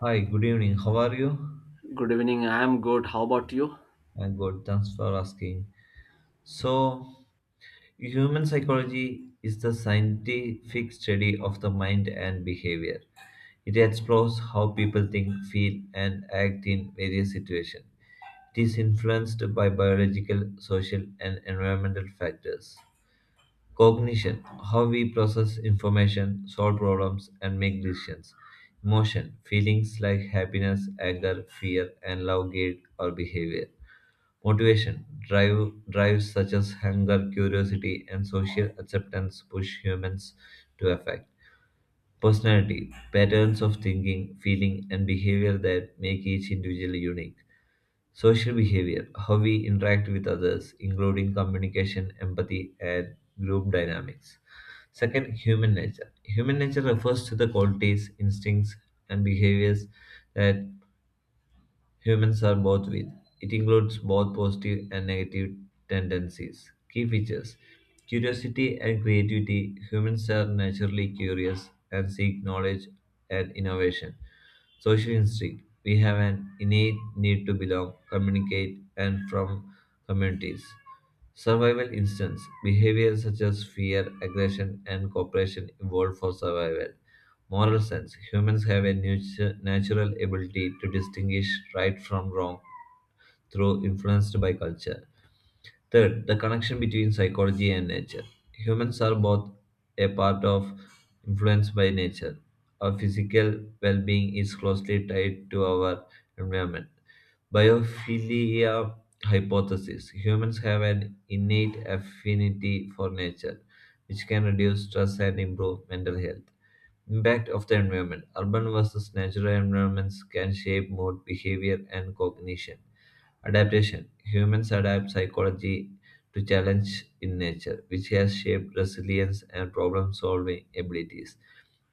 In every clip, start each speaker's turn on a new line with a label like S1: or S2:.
S1: Hi, good evening. How are you?
S2: Good evening. I am good. How about you?
S1: I'm good. Thanks for asking. So, human psychology is the scientific study of the mind and behavior. It explores how people think, feel, and act in various situations. It is influenced by biological, social, and environmental factors. Cognition, how we process information, solve problems, and make decisions. Emotion, feelings like happiness, anger, fear, and love guide our behavior. Motivation, drives such as hunger, curiosity, and social acceptance push humans to affect. Personality, patterns of thinking, feeling, and behavior that make each individual unique. Social behavior, how we interact with others, including communication, empathy, and group dynamics. Second, human nature. Human nature refers to the qualities, instincts, and behaviors that humans are both with. It includes both positive and negative tendencies. Key features: curiosity and creativity. Humans are naturally curious and seek knowledge and innovation. Social instinct. We have an innate need to belong, communicate, and from communities. Survival instincts. Behaviors such as fear, aggression, and cooperation evolved for survival. Moral sense: humans have a natural ability to distinguish right from wrong through influenced by culture. Third, the connection between psychology and nature. Humans are both a part of influenced by nature. Our physical well being is closely tied to our environment. Biophilia hypothesis: humans have an innate affinity for nature, which can reduce stress and improve mental health. Impact of the environment. Urban versus natural environments can shape mood, behavior, and cognition. Adaptation. Humans adapt psychology to challenge in nature, which has shaped resilience and problem solving abilities.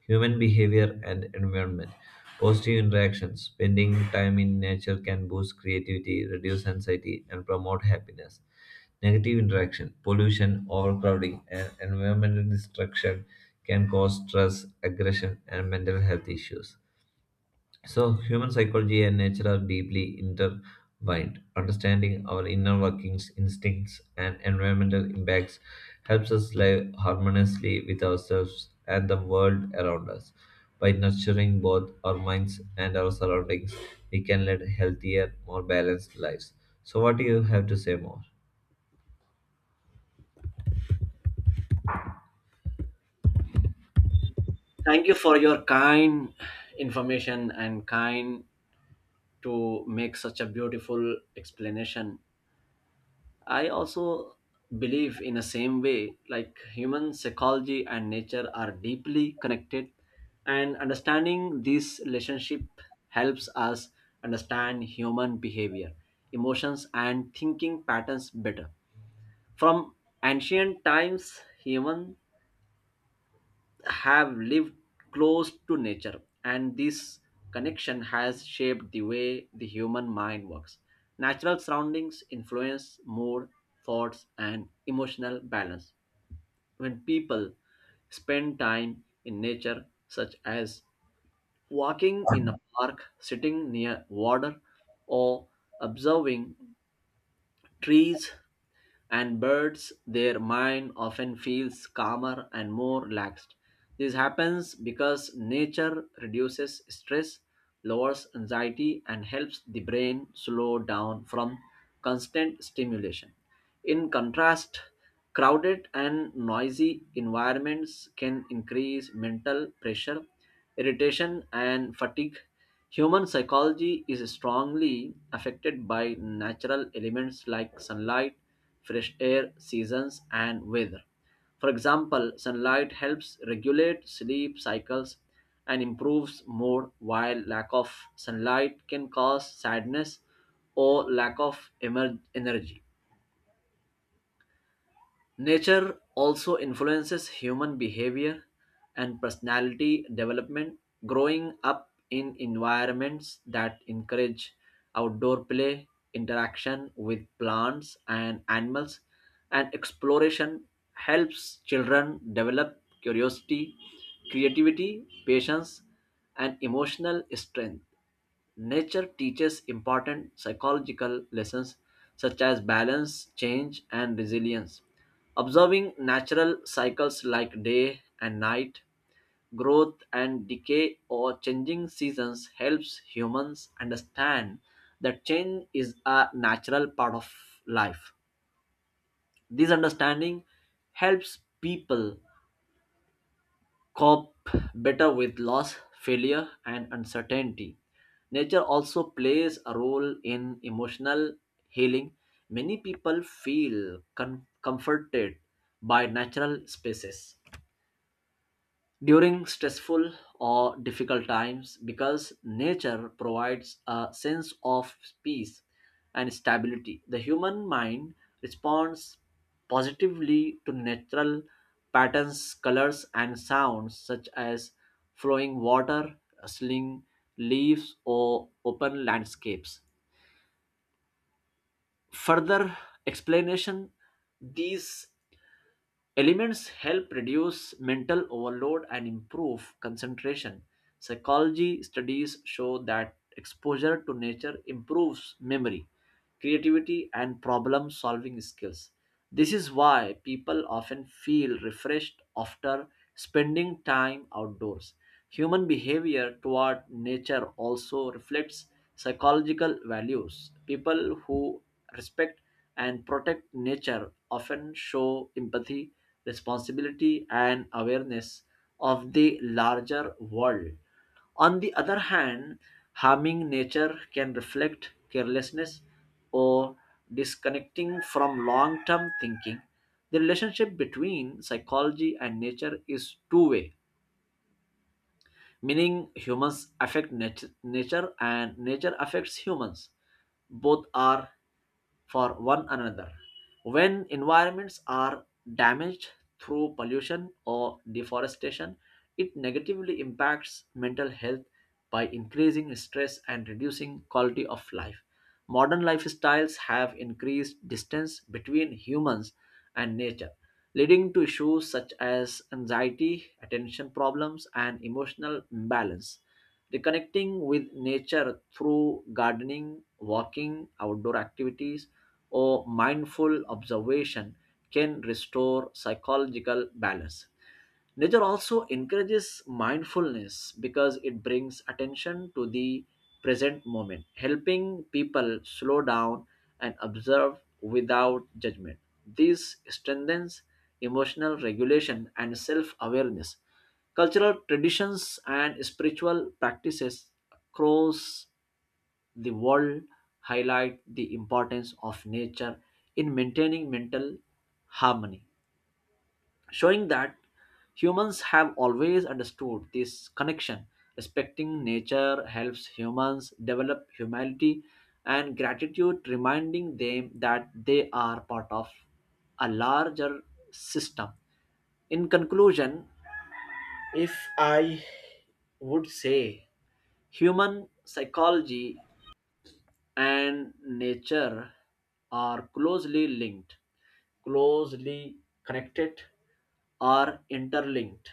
S1: Human behavior and environment. Positive interactions. Spending time in nature can boost creativity, reduce anxiety, and promote happiness. Negative interaction. Pollution, overcrowding, and environmental destruction can cause stress, aggression, and mental health issues. So, human psychology and nature are deeply intertwined. Understanding our inner workings, instincts, and environmental impacts helps us live harmoniously with ourselves and the world around us. By nurturing both our minds and our surroundings, we can lead healthier, more balanced lives. So, what do you have to say more?
S2: Thank you for your kind information and kind to make such a beautiful explanation. I also believe in the same way like human psychology and nature are deeply connected and understanding this relationship helps us understand human behavior, emotions and thinking patterns better. From ancient times, human have lived close to nature, and this connection has shaped the way the human mind works. Natural surroundings influence mood, thoughts, and emotional balance. When people spend time in nature, such as walking in a park, sitting near water, or observing trees, and birds their mind often feels calmer and more relaxed. This happens because nature reduces stress, lowers anxiety and helps the brain slow down from constant stimulation. In contrast, crowded and noisy environments can increase mental pressure, irritation and fatigue. Human psychology is strongly affected by natural elements like sunlight, fresh air, seasons, and weather. For example, sunlight helps regulate sleep cycles and improves mood, while lack of sunlight can cause sadness or lack of energy. Nature also influences human behavior and personality development. Growing up in environments that encourage outdoor play, interaction with plants and animals, and exploration helps children develop curiosity, creativity, patience, and emotional strength. Nature teaches important psychological lessons such as balance, change, and resilience. Observing natural cycles like day and night, growth and decay, or changing seasons helps humans understand that change is a natural part of life. This understanding helps people cope better with loss, failure, and uncertainty. Nature also plays a role in emotional healing. Many people feel comforted by natural spaces during stressful or difficult times because nature provides a sense of peace and stability. The human mind responds positively to natural patterns, colors, and sounds such as flowing water, rustling leaves, or open landscapes. Further explanation, these elements help reduce mental overload and improve concentration. Psychology studies show that exposure to nature improves memory, creativity, and problem solving skills. This is why people often feel refreshed after spending time outdoors. Human behavior toward nature also reflects psychological values. People who respect and protect nature often show empathy, responsibility, and awareness of the larger world. On the other hand, harming nature can reflect carelessness or disconnecting from long term thinking. The relationship between psychology and nature is two-way, meaning humans affect nature and nature affects humans. Both are for one another. When environments are damaged through pollution or deforestation, it negatively impacts mental health by increasing stress and reducing quality of life. Modern lifestyles have increased distance between humans and nature, leading to issues such as anxiety, attention problems, and emotional imbalance. Reconnecting with nature through gardening, walking, outdoor activities or mindful observation can restore psychological balance. Nature also encourages mindfulness because it brings attention to the present moment, helping people slow down and observe without judgment. This strengthens emotional regulation and self awareness. Cultural traditions and spiritual practices across the world highlight the importance of nature in maintaining mental harmony, showing that humans have always understood this connection. Respecting nature helps humans develop humility and gratitude, reminding them that they are part of a larger system. In conclusion, if I would say, human psychology and nature are closely linked, closely connected, are interlinked.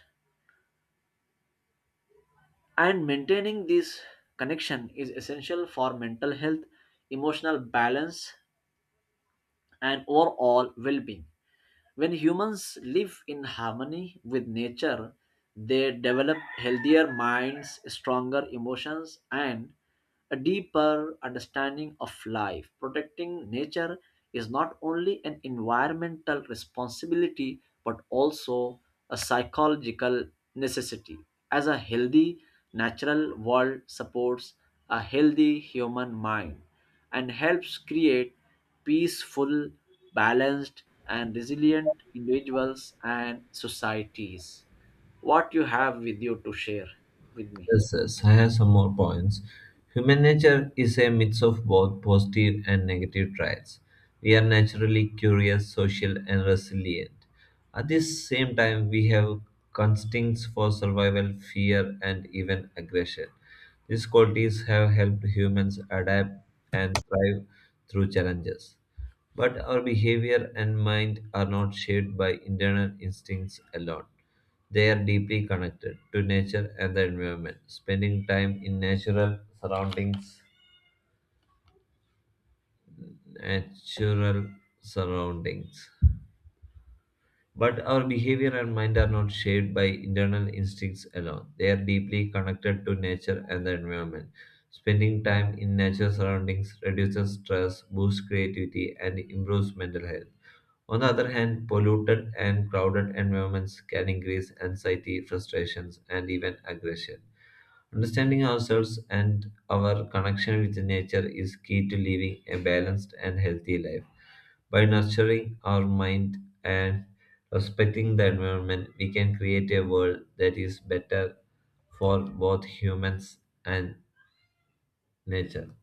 S2: And maintaining this connection is essential for mental health, emotional balance, and overall well being. When humans live in harmony with nature, they develop healthier minds, stronger emotions, and a deeper understanding of life. Protecting nature is not only an environmental responsibility but also a psychological necessity. As a healthy natural world supports a healthy human mind and helps create peaceful, balanced, and resilient individuals and societies. What you have with you to share with me?
S1: Yes, yes, I have some more points. Human nature is a mix of both positive and negative traits. We are naturally curious, social, and resilient. At the same time, we have instincts for survival, fear, and even aggression. These qualities have helped humans adapt and thrive through challenges. But our behavior and mind are not shaped by internal instincts alone. They are deeply connected to nature and the environment. Spending time in natural surroundings But our behavior and mind are not shaped by internal instincts alone. They are deeply connected to nature and the environment. Spending time in natural surroundings reduces stress, boosts creativity, and improves mental health. On the other hand, polluted and crowded environments can increase anxiety, frustrations, and even aggression. Understanding ourselves and our connection with nature is key to living a balanced and healthy life. By nurturing our mind and respecting the environment, we can create a world that is better for both humans and nature.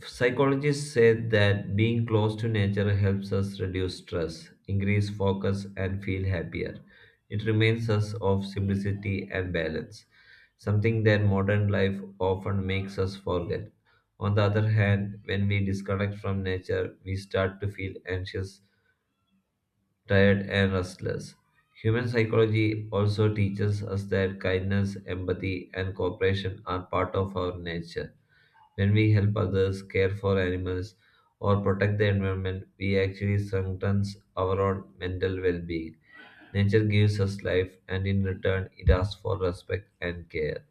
S1: Psychologists say that being close to nature helps us reduce stress, increase focus, and feel happier. It reminds us of simplicity and balance, something that modern life often makes us forget. On the other hand, when we disconnect from nature, we start to feel anxious, tired, and restless. Human psychology also teaches us that kindness, empathy, and cooperation are part of our nature. When we help others, care for animals, or protect the environment, we actually strengthen our own mental well being. Nature gives us life, and in return, it asks for respect and care.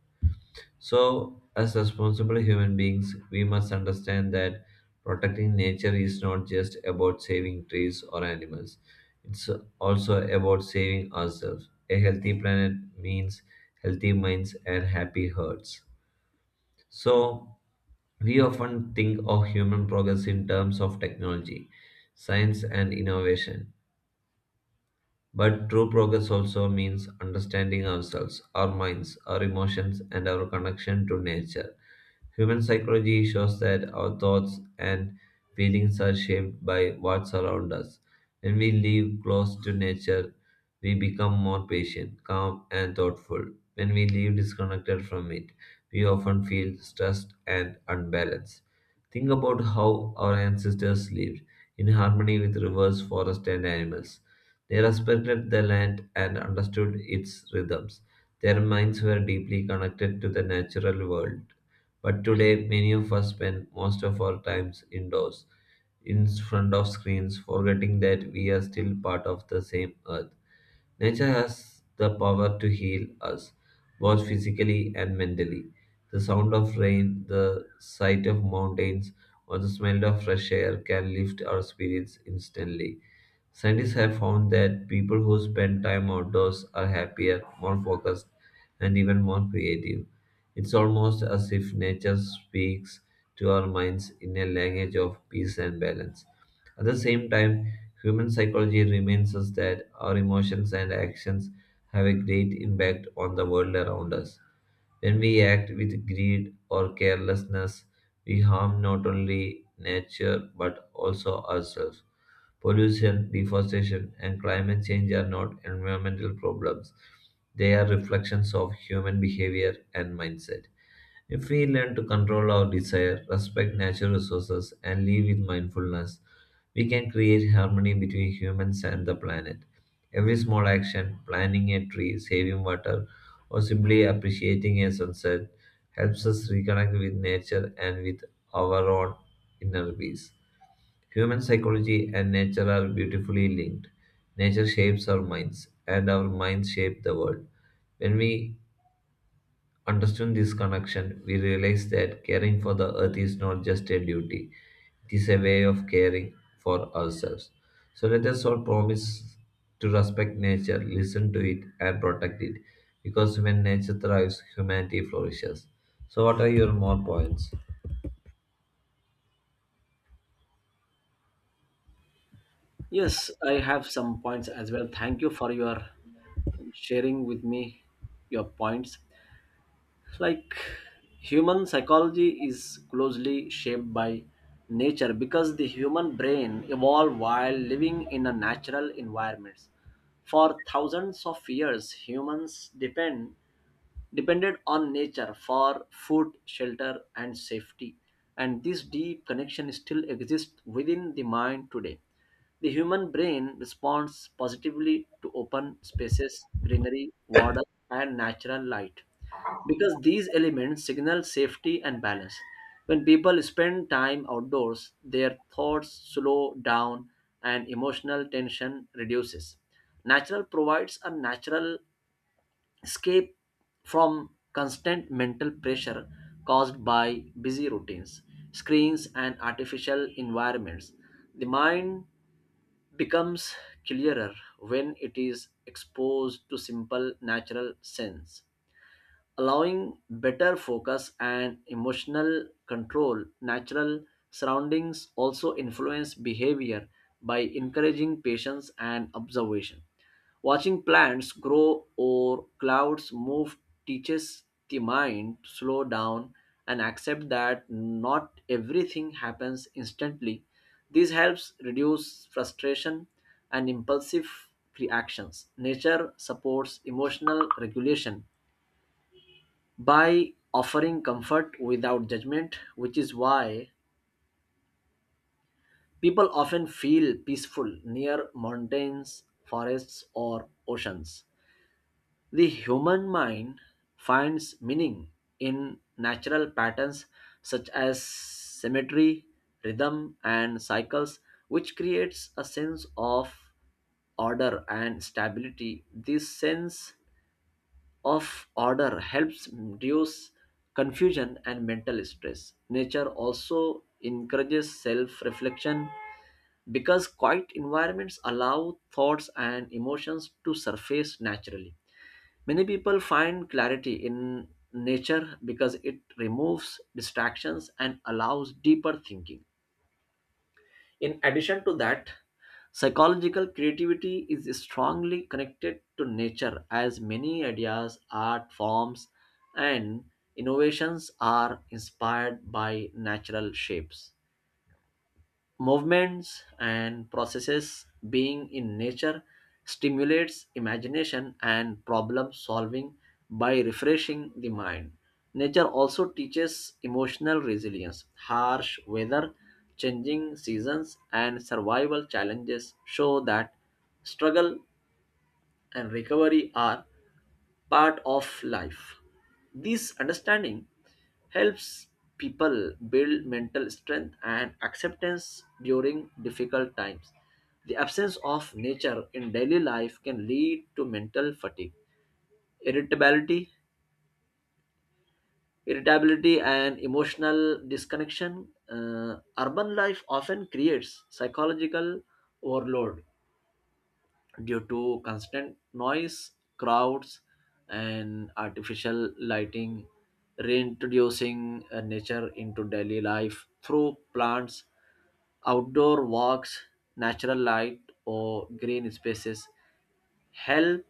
S1: So, as responsible human beings, we must understand that protecting nature is not just about saving trees or animals, it's also about saving ourselves. A healthy planet means healthy minds and happy hearts. So, we often think of human progress in terms of technology, science, and innovation. But true progress also means understanding ourselves, our minds, our emotions, and our connection to nature. Human psychology shows that our thoughts and feelings are shaped by what surrounds us. When we live close to nature, we become more patient, calm, and thoughtful. When we live disconnected from it, we often feel stressed and unbalanced. Think about how our ancestors lived in harmony with rivers, forests, and animals. They respected the land and understood its rhythms. Their minds were deeply connected to the natural world, but today, many of us spend most of our times indoors, in front of screens, forgetting that we are still part of the same earth. Nature has the power to heal us, both physically and mentally. The sound of rain, the sight of mountains, or the smell of fresh air can lift our spirits instantly. Scientists have found that people who spend time outdoors are happier, more focused, and even more creative. It's almost as if nature speaks to our minds in a language of peace and balance. At the same time, human psychology reminds us that our emotions and actions have a great impact on the world around us. When we act with greed or carelessness, we harm not only nature but also ourselves. Pollution, deforestation, and climate change are not environmental problems. They are reflections of human behavior and mindset. If we learn to control our desire, respect natural resources, and live with mindfulness, we can create harmony between humans and the planet. Every small action, planting a tree, saving water, or simply appreciating a sunset, helps us reconnect with nature and with our own inner peace. Human psychology and nature are beautifully linked. Nature shapes our minds, and our minds shape the world. When we understood this connection, we realize that caring for the earth is not just a duty, it is a way of caring for ourselves. So let us all promise to respect nature, listen to it, and protect it, because when nature thrives, humanity flourishes. So, what are your more points?
S2: Yes, I have some points as well. Thank you for your sharing with me your points. Like, human psychology is closely shaped by nature because the human brain evolved while living in a natural environment. For thousands of years humans depended on nature for food, shelter and safety, and this deep connection still exists within the mind today. The human brain responds positively to open spaces, greenery, water and natural light because these elements signal safety and balance. When people spend time outdoors, their thoughts slow down and emotional tension reduces. Natural provides a natural escape from constant mental pressure caused by busy routines, screens, and artificial environments. The mind becomes clearer when it is exposed to simple natural sense, allowing better focus and emotional control. Natural surroundings also influence behavior by encouraging patience and observation. Watching plants grow or clouds move teaches the mind to slow down and accept that not everything happens instantly. This helps reduce frustration and impulsive reactions. Nature supports emotional regulation by offering comfort without judgment, which is why people often feel peaceful near mountains, forests, or oceans. The human mind finds meaning in natural patterns such as symmetry, rhythm, and cycles, which creates a sense of order and stability. This sense of order helps reduce confusion and mental stress. Nature also encourages self reflection because quiet environments allow thoughts and emotions to surface naturally. Many people find clarity in nature because it removes distractions and allows deeper thinking. In addition to that, psychological creativity is strongly connected to nature, as many ideas, art forms, and innovations are inspired by natural shapes, movements and processes. Being in nature stimulates imagination and problem solving by refreshing the mind. Nature also teaches emotional resilience. Harsh weather, changing seasons and survival challenges show that struggle and recovery are part of life. This understanding helps people build mental strength and acceptance during difficult times. The absence of nature in daily life can lead to mental fatigue, irritability, and emotional disconnection. Urban life often creates psychological overload due to constant noise, crowds, and artificial lighting. Reintroducing nature into daily life through plants, outdoor walks, natural light, or green spaces helps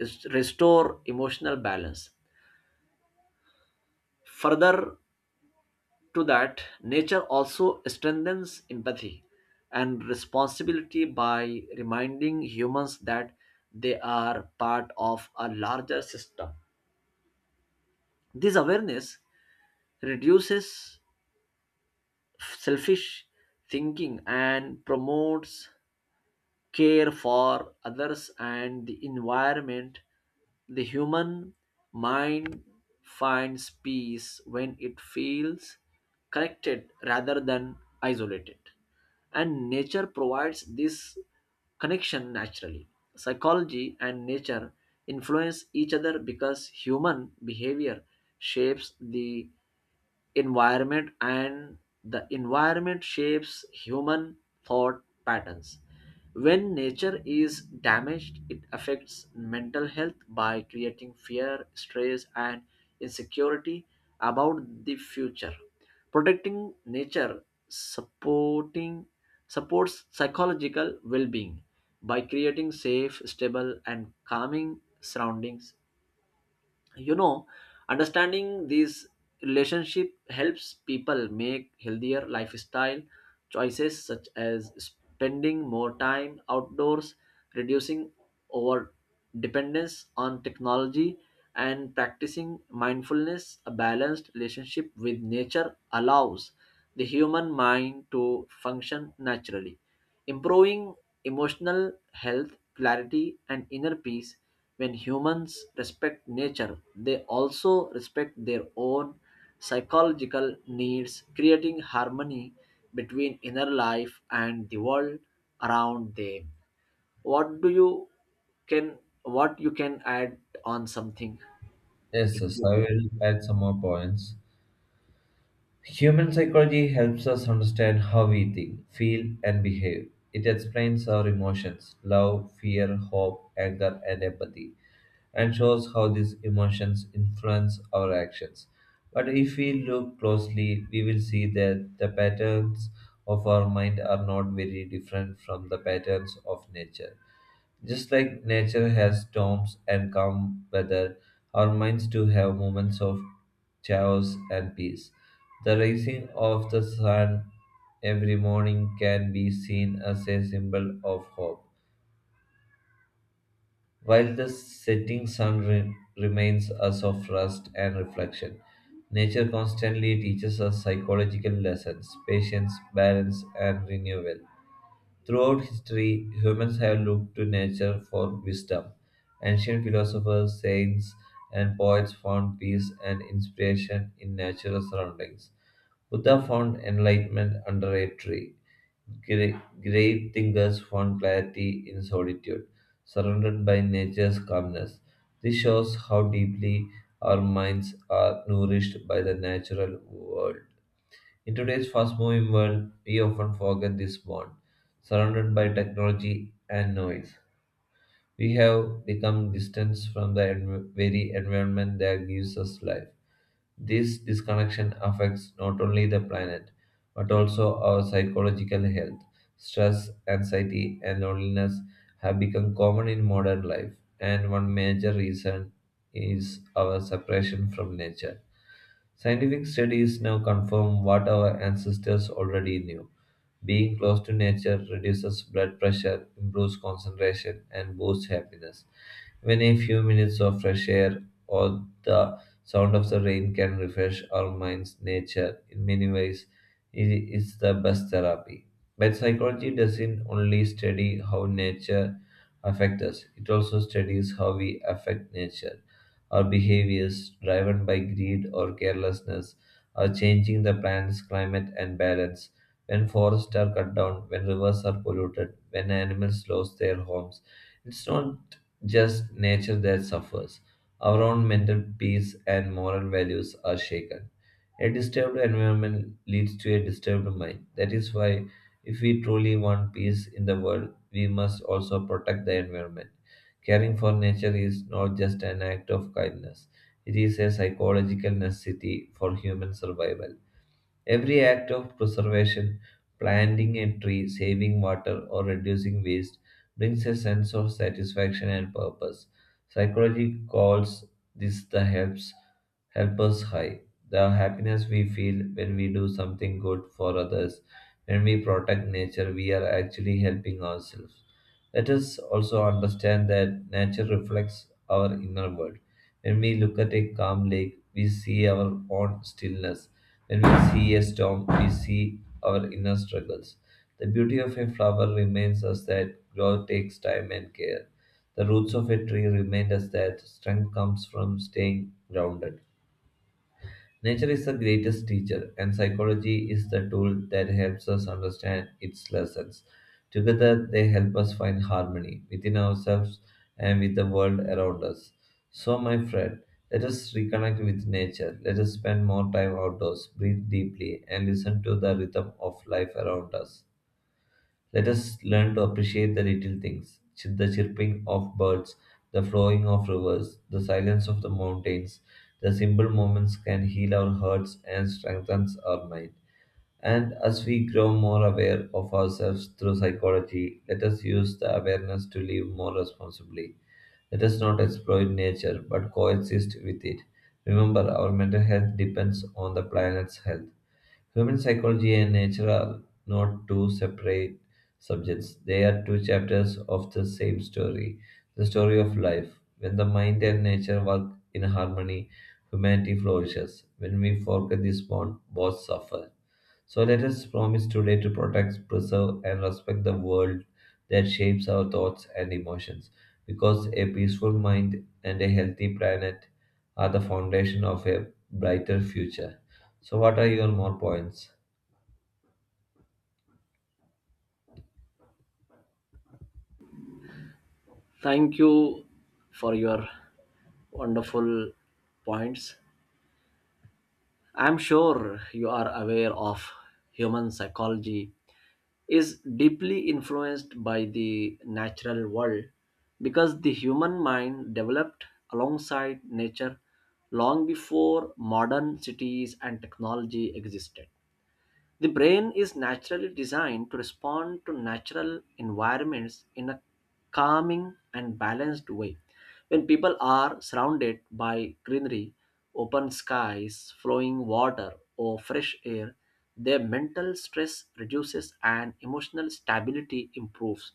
S2: restore emotional balance. Further, to that, nature also strengthens empathy and responsibility by reminding humans that they are part of a larger system. This awareness reduces selfish thinking and promotes care for others and the environment. The human mind finds peace when it feels connected rather than isolated. And nature provides this connection naturally. Psychology and nature influence each other because human behavior shapes the environment and the environment shapes human thought patterns. When nature is damaged, it affects mental health by creating fear, stress and insecurity about the future. Protecting nature, supporting supports psychological well-being by creating safe, stable and calming surroundings you know Understanding these relationship helps people make healthier lifestyle choices such as spending more time outdoors, reducing over dependence on technology, and practicing mindfulness. A balanced relationship with nature allows the human mind to function naturally, improving emotional health, clarity, and inner peace. When humans respect nature, they also respect their own psychological needs, creating harmony between inner life and the world around them. What do you can what you can add on something
S1: Yes,
S2: if
S1: yes,
S2: you
S1: I
S2: can?
S1: will add some more points. Human psychology helps us understand how we think, feel, and behave. It explains our emotions, love, fear, hope, anger, and empathy, and shows how these emotions influence our actions. But if we look closely, we will see that the patterns of our mind are not very different from the patterns of nature. Just like nature has storms and calm weather, our minds too have moments of chaos and peace. The rising of the sun every morning can be seen as a symbol of hope, while the setting sun reminds us of rest and reflection. Nature constantly teaches us psychological lessons: patience, balance, and renewal. Throughout history, humans have looked to nature for wisdom. Ancient philosophers, saints, and poets found peace and inspiration in natural surroundings. Buddha found enlightenment under a tree. Grave thinkers found clarity in solitude, surrounded by nature's calmness. This shows how deeply our minds are nourished by the natural world. In today's fast moving world, we often forget this bond. Surrounded by technology and noise, we have become distant from the very environment that gives us life. This disconnection affects not only the planet, but also our psychological health. Stress, anxiety, and loneliness have become common in modern life, and one major reason is our separation from nature. Scientific studies now confirm what our ancestors already knew. Being close to nature reduces blood pressure, improves concentration, and boosts happiness. Even a few minutes of fresh air or the sound of the rain can refresh our minds. Nature, in many ways, is the best therapy. But psychology doesn't only study how nature affects us, it also studies how we affect nature. Our behaviors, driven by greed or carelessness, are changing the planet's climate and balance. When forests are cut down, when rivers are polluted, when animals lose their homes, it's not just nature that suffers. Our own mental peace and moral values are shaken. A disturbed environment leads to a disturbed mind. That is why, if we truly want peace in the world, we must also protect the environment. Caring for nature is not just an act of kindness, it is a psychological necessity for human survival. Every act of preservation, planting a tree, saving water, or reducing waste, brings a sense of satisfaction and purpose. Psychology calls this the helps helpers high. The happiness we feel when we do something good for others, when we protect nature, we are actually helping ourselves. Let us also understand that nature reflects our inner world. When we look at a calm lake, we see our own stillness. When we see a storm, we see our inner struggles. The beauty of a flower reminds us that growth takes time and care. The roots of a tree remind us that strength comes from staying grounded. Nature is the greatest teacher, and psychology is the tool that helps us understand its lessons. Together, they help us find harmony within ourselves and with the world around us. So, my friend, let us reconnect with nature. Let us spend more time outdoors, breathe deeply, and listen to the rhythm of life around us. Let us learn to appreciate the little things, the chirping of birds, the flowing of rivers, the silence of the mountains. The simple moments can heal our hearts and strengthen our mind. And as we grow more aware of ourselves through psychology, let us use the awareness to live more responsibly. Let us not exploit nature but coexist with it. Remember, our mental health depends on the planet's health. Human psychology and nature are not two separate subjects, they are two chapters of the same story, the story of life. When the mind and nature work in harmony, humanity flourishes. When we forget this bond, both suffer. So let us promise today to protect, preserve, and respect the world that shapes our thoughts and emotions, because a peaceful mind and a healthy planet are the foundation of a brighter future. So, what are your more points?
S2: Thank you for your wonderful points. I'm sure you are aware of human psychology is deeply influenced by the natural world because the human mind developed alongside nature long before modern cities and technology existed. The brain is naturally designed to respond to natural environments in a calming and balanced way. When people are surrounded by greenery, open skies, flowing water, or fresh air, their mental stress reduces and emotional stability improves.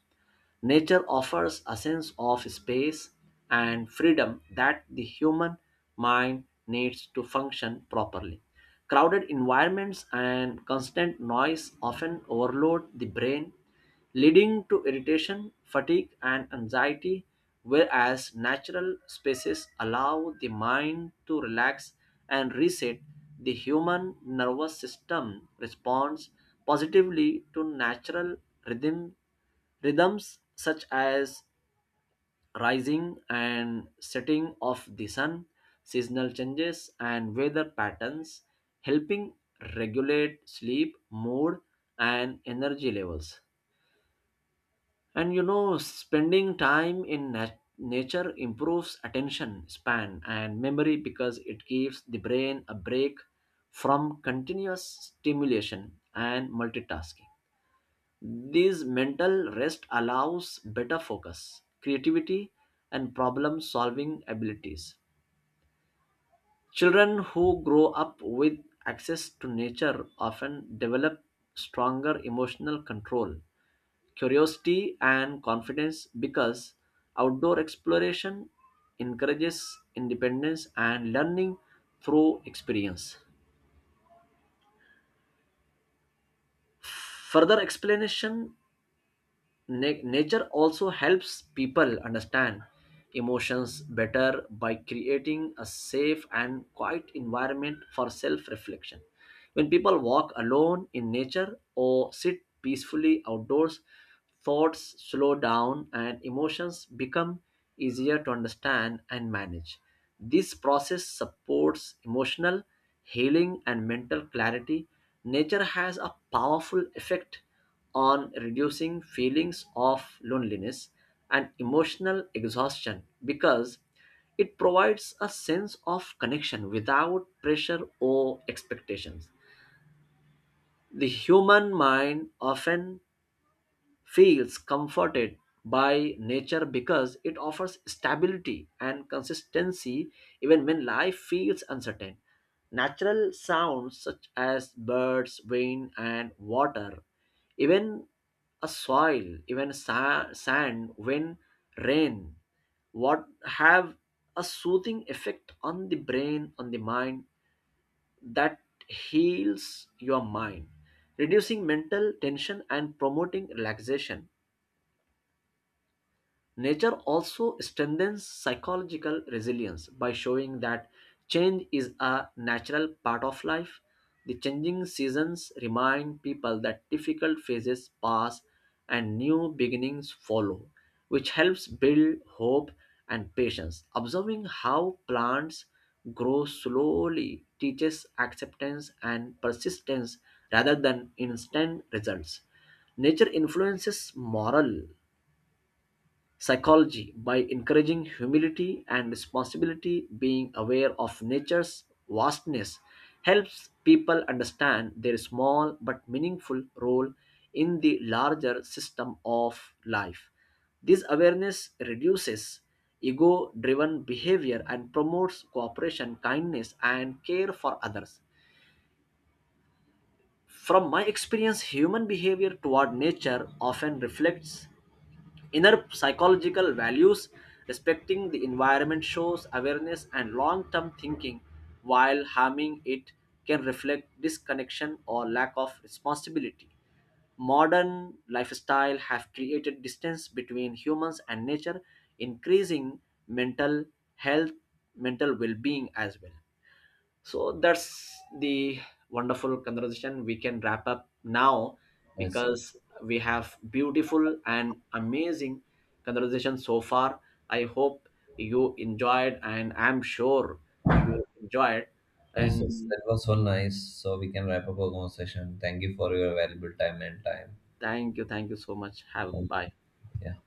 S2: Nature offers a sense of space and freedom that the human mind needs to function properly. Crowded environments and constant noise often overload the brain, leading to irritation, fatigue, and anxiety, whereas natural spaces allow the mind to relax and reset. The human nervous system responds positively to natural rhythm rhythms such as rising and setting of the sun, seasonal changes, and weather patterns, helping regulate sleep, mood, and energy levels. And spending time in nature improves attention span and memory because it gives the brain a break from continuous stimulation and multitasking. This mental rest allows better focus, creativity, and problem solving abilities. Children who grow up with access to nature often develop stronger emotional control, curiosity, and confidence because outdoor exploration encourages independence and learning through experience. Further explanation, nature also helps people understand emotions better by creating a safe and quiet environment for self reflection. When people walk alone in nature or sit peacefully outdoors, thoughts slow down and emotions become easier to understand and manage. This process supports emotional healing and mental clarity. Nature has a powerful effect on reducing feelings of loneliness and emotional exhaustion because it provides a sense of connection without pressure or expectations. The human mind often feels comforted by nature because it offers stability and consistency even when life feels uncertain. Natural sounds such as birds, wind, and water, even a soil, even sand, wind, rain, what, have a soothing effect on the brain, on the mind, that heals your mind, reducing mental tension and promoting relaxation. Nature also strengthens psychological resilience by showing that change is a natural part of life. The changing seasons remind people that difficult phases pass and new beginnings follow, which helps build hope and patience. Observing how plants grow slowly teaches acceptance and persistence rather than instant results. Nature influences moral psychology by encouraging humility and responsibility. Being aware of nature's vastness helps people understand their small but meaningful role in the larger system of life. This awareness reduces ego driven behavior and promotes cooperation, kindness and care for others. From my experience, human behavior toward nature often reflects inner psychological values. Respecting the environment shows awareness and long term thinking, while harming it can reflect disconnection or lack of responsibility. Modern lifestyle have created distance between humans and nature, increasing mental health, mental well being as well. So that's the wonderful conversation. We can wrap up now
S1: Yes, sir.
S2: because we have beautiful and amazing conversation so far. I hope you enjoyed and I'm sure you enjoyed
S1: Yes, yes,
S2: and
S1: that was so nice. So we can wrap up our conversation. Thank you for your valuable time.
S2: thank you, thank you so much. Have
S1: Thank-
S2: bye.
S1: Yeah.